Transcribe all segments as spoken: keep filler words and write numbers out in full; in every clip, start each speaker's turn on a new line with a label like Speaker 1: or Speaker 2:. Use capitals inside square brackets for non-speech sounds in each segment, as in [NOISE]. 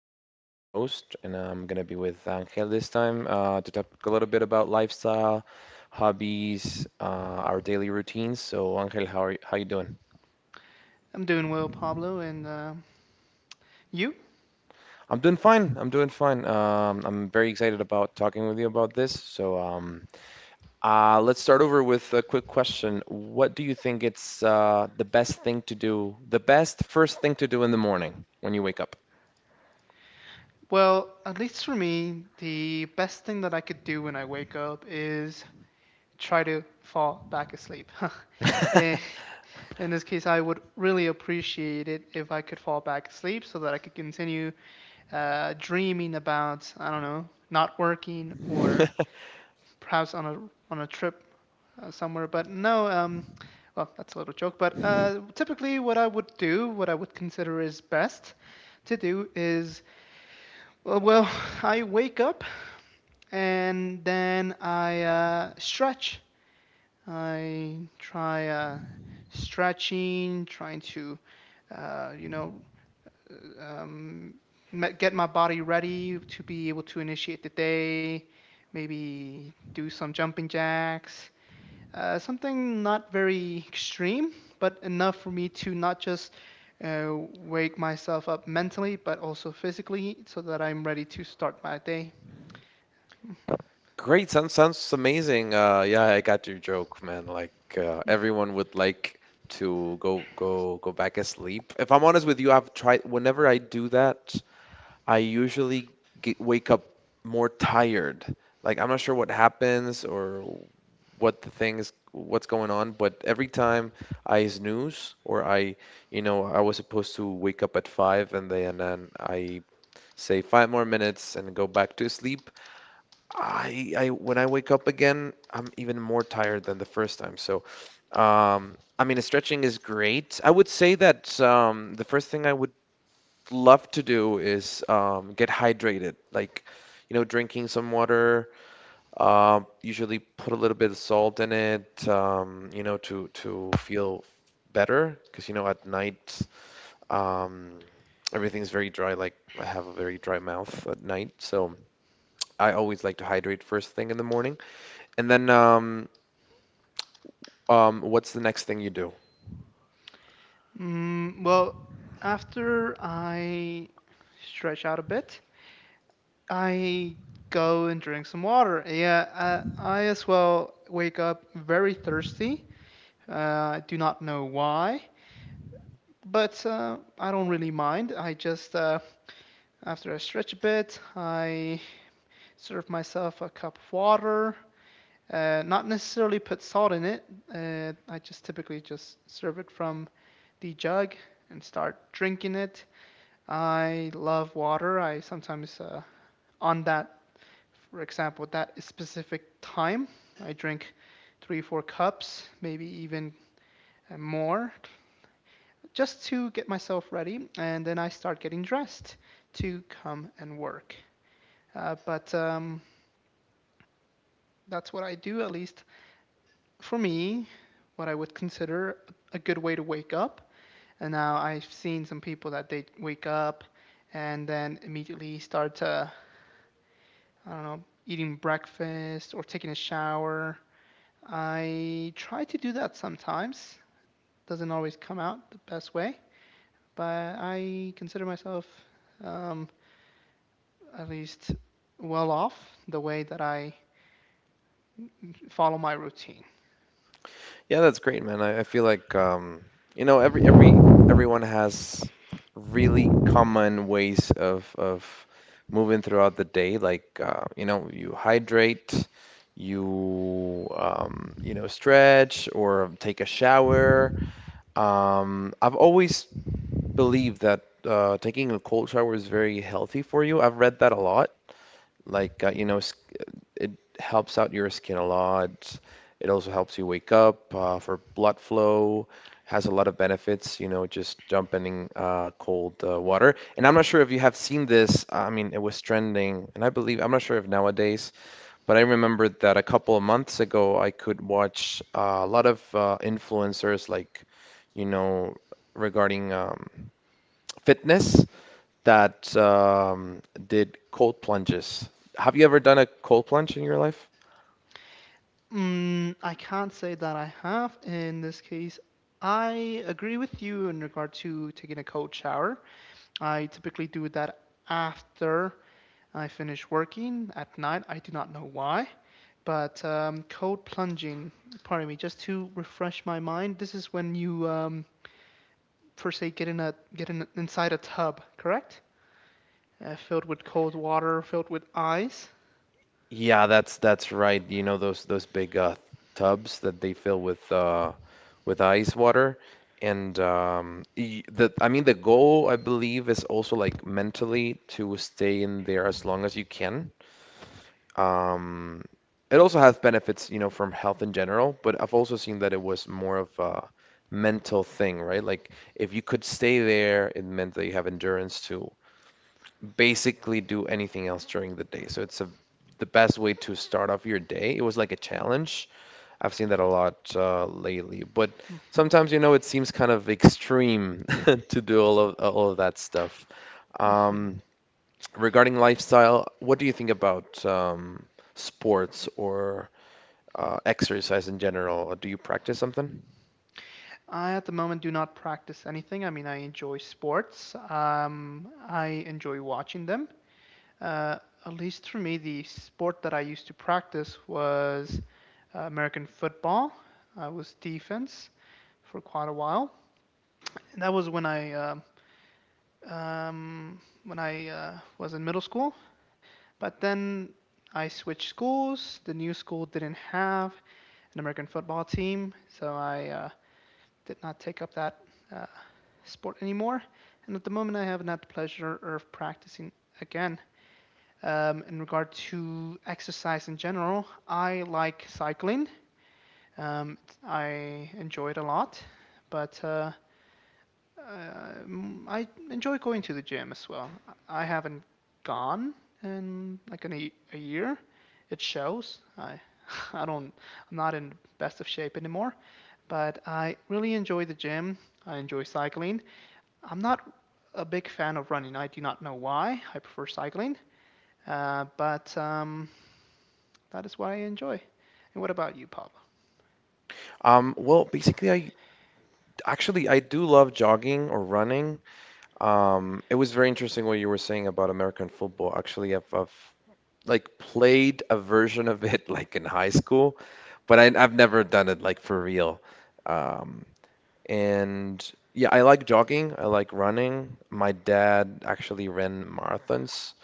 Speaker 1: Pablo, your host, and I'm gonna be with Angel this time uh, to talk a little bit about lifestyle, hobbies, uh, our daily routines. So, Angel, how are you, how you doing?
Speaker 2: I'm doing well, Pablo, and uh, you?
Speaker 1: I'm doing fine. I'm doing fine. Um, I'm very excited about talking with you about this. So, um, uh, let's start over with a quick question. What do you think it's uh, the best thing to do, the best first thing to do in the morning when you wake up?
Speaker 2: Well, at least for me, the best thing that I could do when I wake up is try to fall back asleep. [LAUGHS] Eh, In this case, I would really appreciate it if I could fall back asleep so that I could continue uh, dreaming about, I don't know, not working or
Speaker 1: [LAUGHS]
Speaker 2: perhaps on a on a trip uh, somewhere. But no, um, well, that's a little joke. But uh, typically, what I would do, what I would consider is best to do is, well, well [LAUGHS] I wake up and then I uh, stretch. I try uh, stretching, trying to, uh, you know, um, get my body ready to be able to initiate the day. Maybe do some jumping jacks, uh, something not very extreme, but enough for me to not just uh, wake myself up mentally, but also physically, so that I'm ready to start my day.
Speaker 1: Great, sounds sounds amazing. Uh, yeah, I got your joke, man. Like uh, everyone would like to go go go back asleep. If I'm honest with you, I've tried. Whenever I do that, I usually get, wake up more tired. Like I'm not sure what happens or what the things what's going on, but every time I snooze or I, you know, I was supposed to wake up at five and then and then I say five more minutes and go back to sleep. I I when I wake up again, I'm even more tired than the first time. So, um, I mean, stretching is great. I would say that um, the first thing I would love to do is um, get hydrated, like, you know, drinking some water. Um, usually put a little bit of salt in it, um, you know, to to feel better, because you know, at night, um, everything's very dry. Like I have a very dry mouth at night, so I always like to hydrate first thing in the morning. And then, um, um, what's the next thing you do?
Speaker 2: Mm, well, after I stretch out a bit, I go and drink some water. Yeah, I, I as well wake up very thirsty. Uh, I do not know why, but uh, I don't really mind. I just, uh, after I stretch a bit, I serve myself a cup of water. Uh, not necessarily put salt in it. Uh, I just typically just serve it from the jug and start drinking it. I love water. I sometimes uh, on that, for example, that specific time, I drink three, four cups, maybe even more, just to get myself ready, and then I start getting dressed to come and work. Uh, but um, that's what I do, at least for me, what I would consider a good way to wake up. And now I've seen some people that they wake up and then immediately start to, I don't know, eating breakfast or taking a shower. I try to do that sometimes. Doesn't always come out the best way, but I consider myself um, at least well off the way that I follow my routine.
Speaker 1: Yeah, that's great, man. I, I feel like, um, you know, every every everyone has really common ways of of moving throughout the day. Like, uh, you know, you hydrate, you um, you know, stretch or take a shower. Um, I've always believed that uh, taking a cold shower is very healthy for you. I've read that a lot. Like, uh, you know, s- it helps out your skin a lot. It also helps you wake up uh, for blood flow. Has a lot of benefits, you know, just jumping in uh, cold uh, water. And I'm not sure if you have seen this. uh, I mean, it was trending, and I believe I'm not sure if nowadays, but I remember that a couple of months ago, I could watch uh, a lot of uh, influencers, like, you know, regarding um, fitness that um, did cold plunges. Have you ever done a cold plunge in your life?
Speaker 2: Mm, I can't say that I have in this case. I agree with you in regard to taking a cold shower. I typically do that after I finish working at night. I do not know why, but um, cold plunging, pardon me, just to refresh my mind, this is when you um, first say get in a get in inside a tub, correct? Uh, filled with cold water, filled with ice.
Speaker 1: Yeah, that's that's right. You know those those big uh, tubs that they fill with uh, with ice water, and um, y- the I mean the goal I believe is also like mentally to stay in there as long as you can. Um, it also has benefits, you know, from health in general, but I've also seen that it was more of a mental thing, right? Like if you could stay there, it meant that you have endurance to basically do anything else during the day. So it's a the best way to start off your day. It was like a challenge. I've seen that a lot uh, lately. But sometimes, you know, it seems kind of extreme [LAUGHS] to do all of all of that stuff. Um, Regarding lifestyle, what do you think about um, sports or uh, exercise in general? Do you practice something?
Speaker 2: I at the moment do not practice anything. I mean, I enjoy sports. Um, I enjoy watching them. Uh, at least for me, the sport that I used to practice was uh, American football. I was defense for quite a while. And that was when I um um, when I uh, was in middle school. But then I switched schools. The new school didn't have an American football team, so I uh, did not take up that uh, sport anymore. And at the moment, I have not the pleasure of practicing again. Um, in regard to exercise in general, I like cycling. Um, I enjoy it a lot, but uh, um, I enjoy going to the gym as well. I haven't gone in like an, a year. It shows. I [LAUGHS] I don't I'm not in best of shape anymore, but I really enjoy the gym. I enjoy cycling. I'm not a big fan of running. I do not know why. I prefer cycling, uh, but um, that is what I enjoy. And what about you, Pablo?
Speaker 1: Um, well, basically, I actually I do love jogging or running. Um, it was very interesting what you were saying about American football. Actually, I've, I've like played a version of it [LAUGHS] like in high school, but I, I've never done it like for real. Um, and yeah, I like jogging. I like running. My dad actually ran marathons,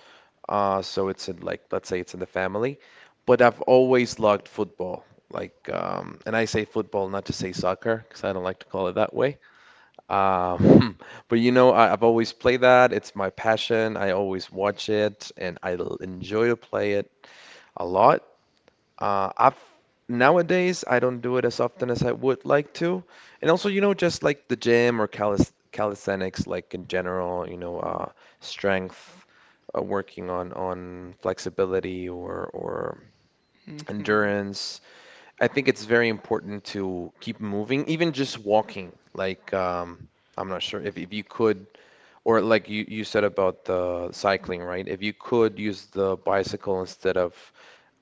Speaker 1: uh, so it's in like let's say it's in the family. But I've always loved football. Like, um, and I say football, not to say soccer, because I don't like to call it that way. Uh, hmm. [LAUGHS] But you know, I, I've always played that. It's my passion. I always watch it, and I l- enjoy to play it a lot. Uh, I've nowadays I don't do it as often as I would like to, and also you know, just like the gym or calis calisthenics, like in general, you know, uh, strength, uh, working on on flexibility or or
Speaker 2: Hmm.
Speaker 1: endurance. I think it's very important to keep moving, even just walking. Like, um, I'm not sure if if you could. Or like you, you said about the cycling, right? If you could use the bicycle instead of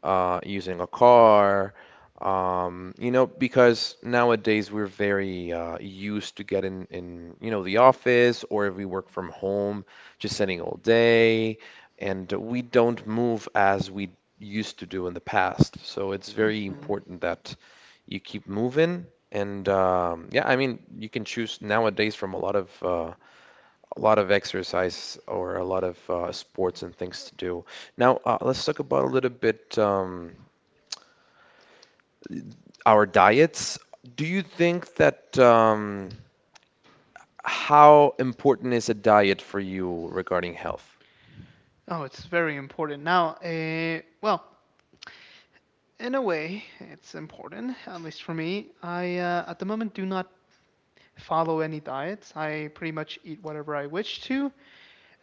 Speaker 1: uh, using a car, um, you know, because nowadays we're very uh, used to getting in, you know, the office or if we work from home, just sitting all day, and we don't move as we used to do in the past. So it's very
Speaker 2: Hmm.
Speaker 1: important that you keep moving. And um, yeah, I mean, you can choose nowadays from a lot of uh, a lot of exercise or a lot of uh, sports and things to do. Now, uh, let's talk about a little bit um, our diets. Do you think that um, how important is a diet for you regarding health?
Speaker 2: Oh, it's very important. Now, uh, well, in a way, it's important, at least for me. I, uh, at the moment, do not follow any diets. I pretty much eat whatever I wish to.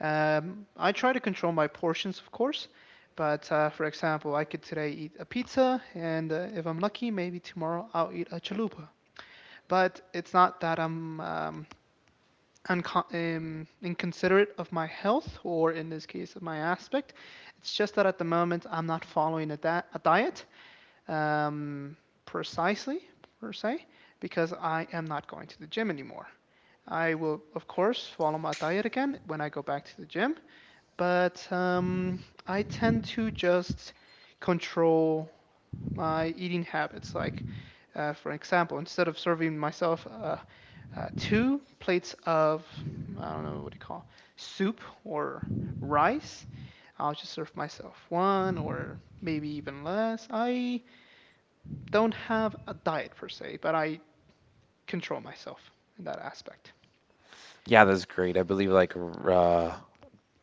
Speaker 2: Um, I try to control my portions, of course, but uh, for example, I could today eat a pizza, and uh, if I'm lucky, maybe tomorrow I'll eat a chalupa. But it's not that I'm um, uncon- um, inconsiderate of my health, or in this case, of my aspect. It's just that at the moment, I'm not following a, da- a diet um, precisely, per se, because I am not going to the gym anymore. I will, of course, follow my diet again when I go back to the gym, but um, I tend to just control my eating habits. Like, uh, for example, instead of serving myself uh, uh, two plates of, I don't know what you call, soup or rice, I'll just serve myself one or maybe even less. I don't have a diet per se, but I control myself in that aspect.
Speaker 1: Yeah, that's great. I believe like r- uh,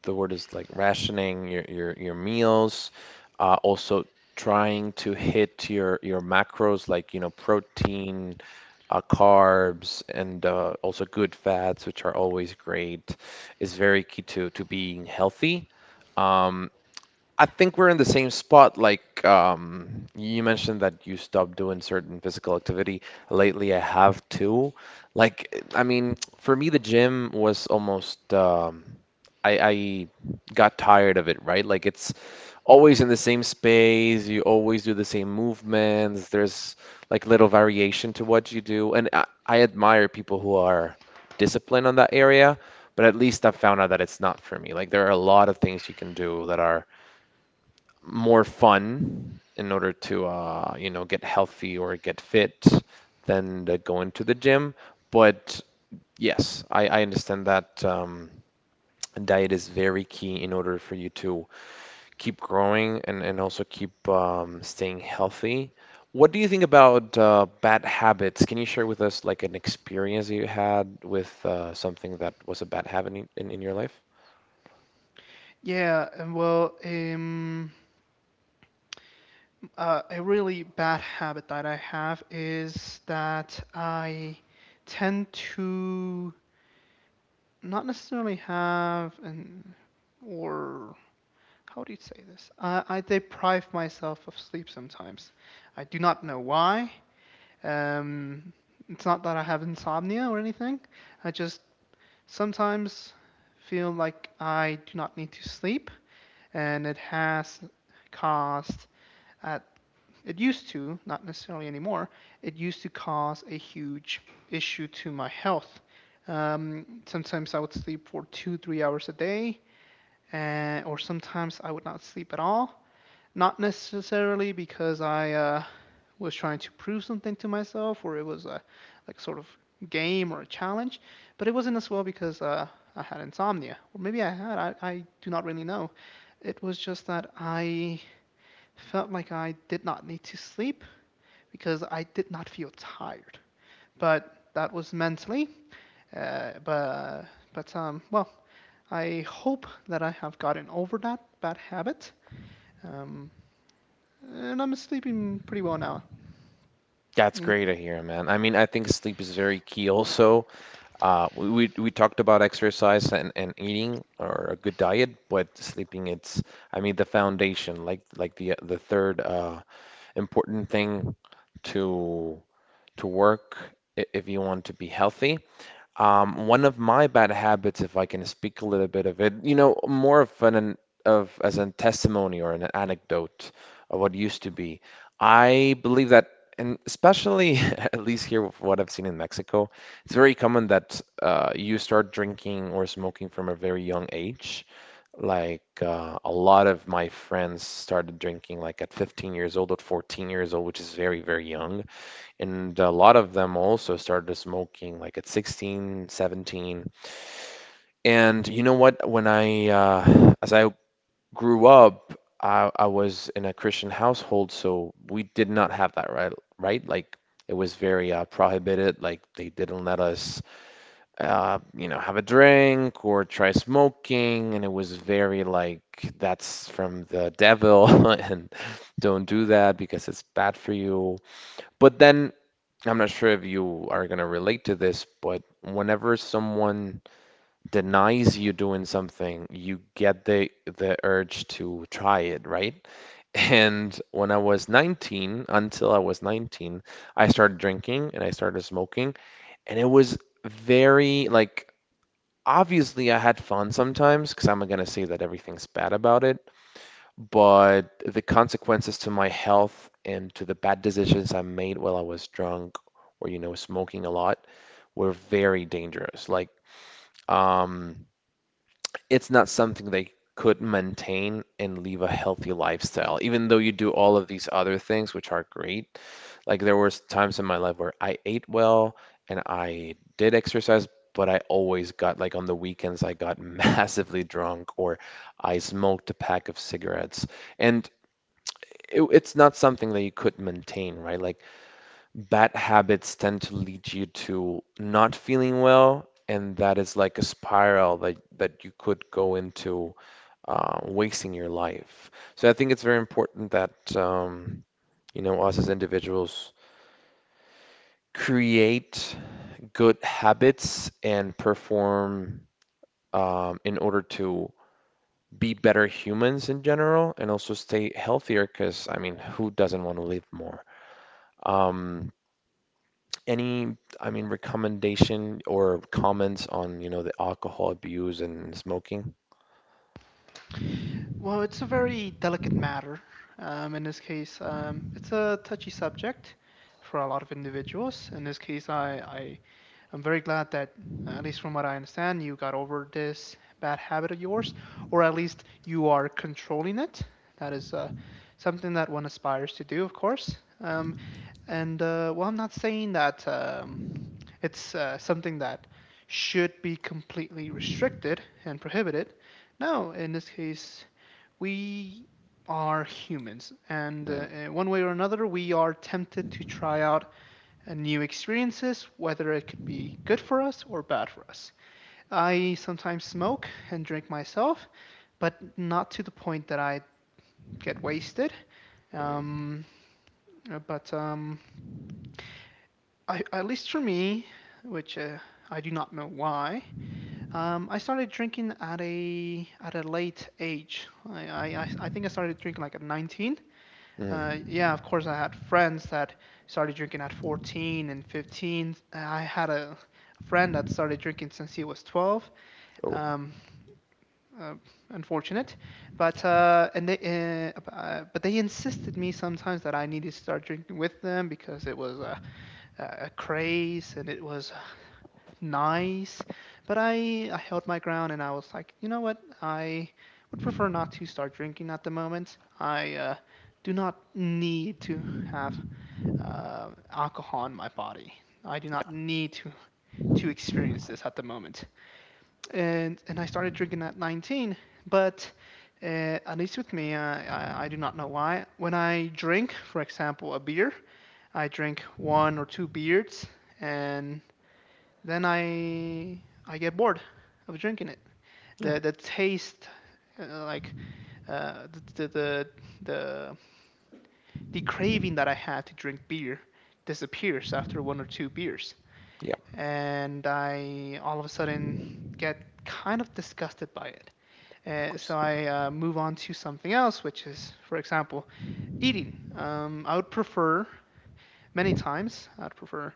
Speaker 1: the word is like rationing your your your meals, uh, also trying to hit your your macros like you know protein, uh, carbs, and uh, also good fats, which are always great, is very key to to being healthy. Um, I think we're in the same spot. Like um, you mentioned that you stopped doing certain physical activity. Lately, I have too. Like, I mean, for me, the gym was almost um, I, I got tired of it, right? Like it's always in the same space. You always do the same movements. There's like little variation to what you do, and I, I admire people who are disciplined on that area. But at least I found out that it's not for me. Like there are a lot of things you can do that are more fun in order to uh, you know get healthy or get fit than to go into the gym. But yes, I, I understand that um, diet is very key in order for you to keep growing and, and also keep um, staying healthy. What do you think about uh, bad habits? Can you share with us like an experience you had with uh, something that was a bad habit in, in, in your life?
Speaker 2: Yeah, and well, um, Uh, a really bad habit that I have is that I tend to not necessarily have an or how do you say this? I, I deprive myself of sleep sometimes. I do not know why. Um, it's not that I have insomnia or anything. I just sometimes feel like I do not need to sleep, and it has caused a It used to, not necessarily anymore, it used to cause a huge issue to my health. Um, sometimes I would sleep for two, three hours a day, and, or sometimes I would not sleep at all. Not necessarily because I uh, was trying to prove something to myself or it was a like sort of game or a challenge, but it wasn't as well because uh, I had insomnia, or maybe I had. I, I do not really know. It was just that I felt like I did not need to sleep because I did not feel tired. But that was mentally. Uh, but but um, well, I hope that I have gotten over that bad habit. Um, and I'm sleeping pretty well now.
Speaker 1: That's
Speaker 2: And,
Speaker 1: great to hear, man. I mean, I think sleep is very key also. Uh, we, we we talked about exercise and, and eating or a good diet, but sleeping it's I mean the foundation, like like the the third uh, important thing to to work i- if you want to be healthy. Um, one of my bad habits, if I can speak a little bit of it, you know, more of an of as a testimony or an anecdote of what used to be. I believe that, and especially [LAUGHS] at least here with what I've seen in Mexico, it's very common that uh, you start drinking or smoking from a very young age. Like uh, a lot of my friends started drinking like at fifteen years old, at fourteen years old, which is very, very young. And a lot of them also started smoking like at sixteen, seventeen. And you know what? When I, uh, as I grew up, I, I was in a Christian household, so we did not have that, right? Right? Like it was very uh, prohibited. Like they didn't let us, uh, you know, have a drink or try smoking, and it was very like that's from the devil [LAUGHS] and don't do that because it's bad for you. But then I'm not sure if you are going to relate to this, but whenever someone denies you doing something, you get the the urge to try it, right? [LAUGHS] And when I was nineteen, until I was nineteen, I started drinking and I started smoking, and it was very like obviously I had fun sometimes because I'm not going to say that everything's bad about it, but the consequences to my health and to the bad decisions I made while I was drunk or you know smoking a lot were very dangerous. Like, um, it's not something they could maintain and live a healthy lifestyle, even though you do all of these other things, which are great. Like, there was times in my life where I ate well and I did exercise, but I always got like on the weekends, I got [LAUGHS] massively drunk or I smoked a pack of cigarettes. And it, it's not something that you could maintain, right? Like bad habits tend to lead you to not feeling well, and that is like a spiral that that you could go into uh, wasting your life. So I think it's very important that um, you know us as individuals create good habits and perform um, in order to be better humans in general and also stay healthier because I mean, who doesn't want to live more? Um, Any, I mean, recommendation or comments on, you know, the alcohol abuse and smoking?
Speaker 2: well, it's a very delicate matter. Um, in this case, um, it's a touchy subject for a lot of individuals. In this case, I, I I'm very glad that, uh, at least from what I understand, you got over this bad habit of yours, or at least you are controlling it. That is uh, something that one aspires to do, of course. Um, and uh, well, I'm not saying that um, it's uh, something that should be completely restricted and prohibited. No, in this case, we are humans, and uh,
Speaker 1: Mm,
Speaker 2: one way or another, we are tempted to try out and new experiences, whether it could be good for us or bad for us. I sometimes smoke and drink myself, but not to the point that I get wasted.
Speaker 1: mm,
Speaker 2: Um, uh, but um, I, at least for me, which uh, I do not know why, um, I started drinking at a at a late age. I, I- I think I started drinking like at nineteen. Uh,
Speaker 1: mm.
Speaker 2: yeah, of course, I had friends that started drinking at fourteen and fifteen. I had a friend that started drinking since he was twelve.
Speaker 1: Oh,
Speaker 2: Um, uh, Unfortunate, but uh, and they uh, uh, but they insisted me sometimes that I needed to start drinking with them because it was uh, a craze and it was nice. But I, I held my ground and I was like, you know what? I would prefer not to start drinking at the moment. I uh, do not need to have uh, alcohol in my body. I do not need to, to experience this at the moment. And, and I started drinking at nineteen, but uh, at least with me, I I, I do not know why. When I drink, for example, a beer, I drink one or two beers, and then I I get bored of drinking it.
Speaker 1: yeah,
Speaker 2: The the taste, uh, like uh, the, the the the craving that I had to drink beer disappears after one or two beers,
Speaker 1: yeah, of
Speaker 2: and I all of a sudden get kind of disgusted by it. Uh, so
Speaker 1: course.
Speaker 2: I uh, move on to something else, which is, for example, eating. Um, I would prefer many times. I'd prefer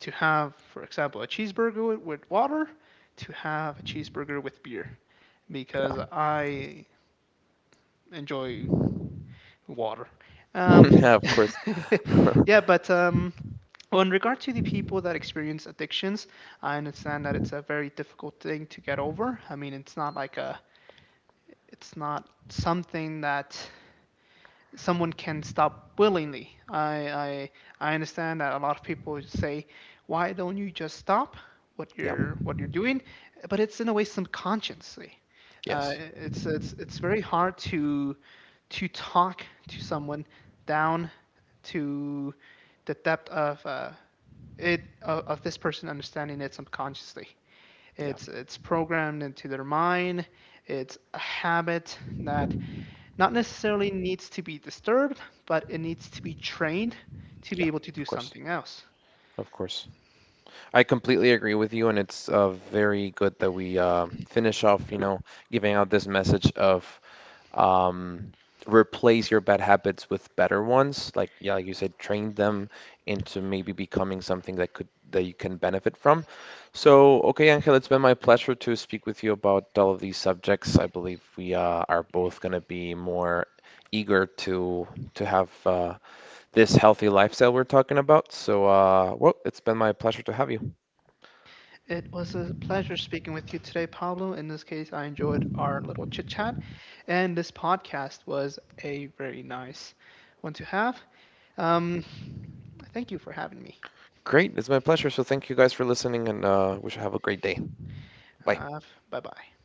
Speaker 2: to have, for example, a cheeseburger with water, to have a cheeseburger with beer,
Speaker 1: Yeah,
Speaker 2: because I enjoy water.
Speaker 1: [LAUGHS]
Speaker 2: Um,
Speaker 1: yeah, of course.
Speaker 2: [LAUGHS]
Speaker 1: [LAUGHS]
Speaker 2: yeah, but um, well, in regard to the people that experience addictions, I understand that it's a very difficult thing to get over. I mean, it's not like a, it's not something that someone can stop willingly. I, I I understand that a lot of people say, why don't you just stop what
Speaker 1: Yeah,
Speaker 2: you're what you're doing? But it's, in a way, subconsciously. Uh,
Speaker 1: yes,
Speaker 2: it's it's it's very hard to to talk to someone down to the depth of uh, it of, of this person understanding it subconsciously.
Speaker 1: yeah,
Speaker 2: It's it's programmed into their mind. It's a habit that not necessarily needs to be disturbed, but it needs to be trained to
Speaker 1: yeah,
Speaker 2: be able to do
Speaker 1: of course,
Speaker 2: something else.
Speaker 1: of course. I completely agree with you, and it's uh, very good that we uh, finish off, you know, giving out this message of um, replace your bad habits with better ones. Like yeah, like you said, train them into maybe becoming something that could that you can benefit from. So okay, Angel, it's been my pleasure to speak with you about all of these subjects. I believe we uh, are both going to be more eager to to have uh, this healthy lifestyle we're talking about. So uh, well, it's been my pleasure to have you.
Speaker 2: It was a pleasure speaking with you today, Pablo. In this case, I enjoyed our little chit chat, and this podcast was a very nice one to have. Um, Thank you for having me.
Speaker 1: Great, it's my pleasure. So thank you guys for listening, and uh, wish you have a great day. Bye.
Speaker 2: Uh, Bye bye.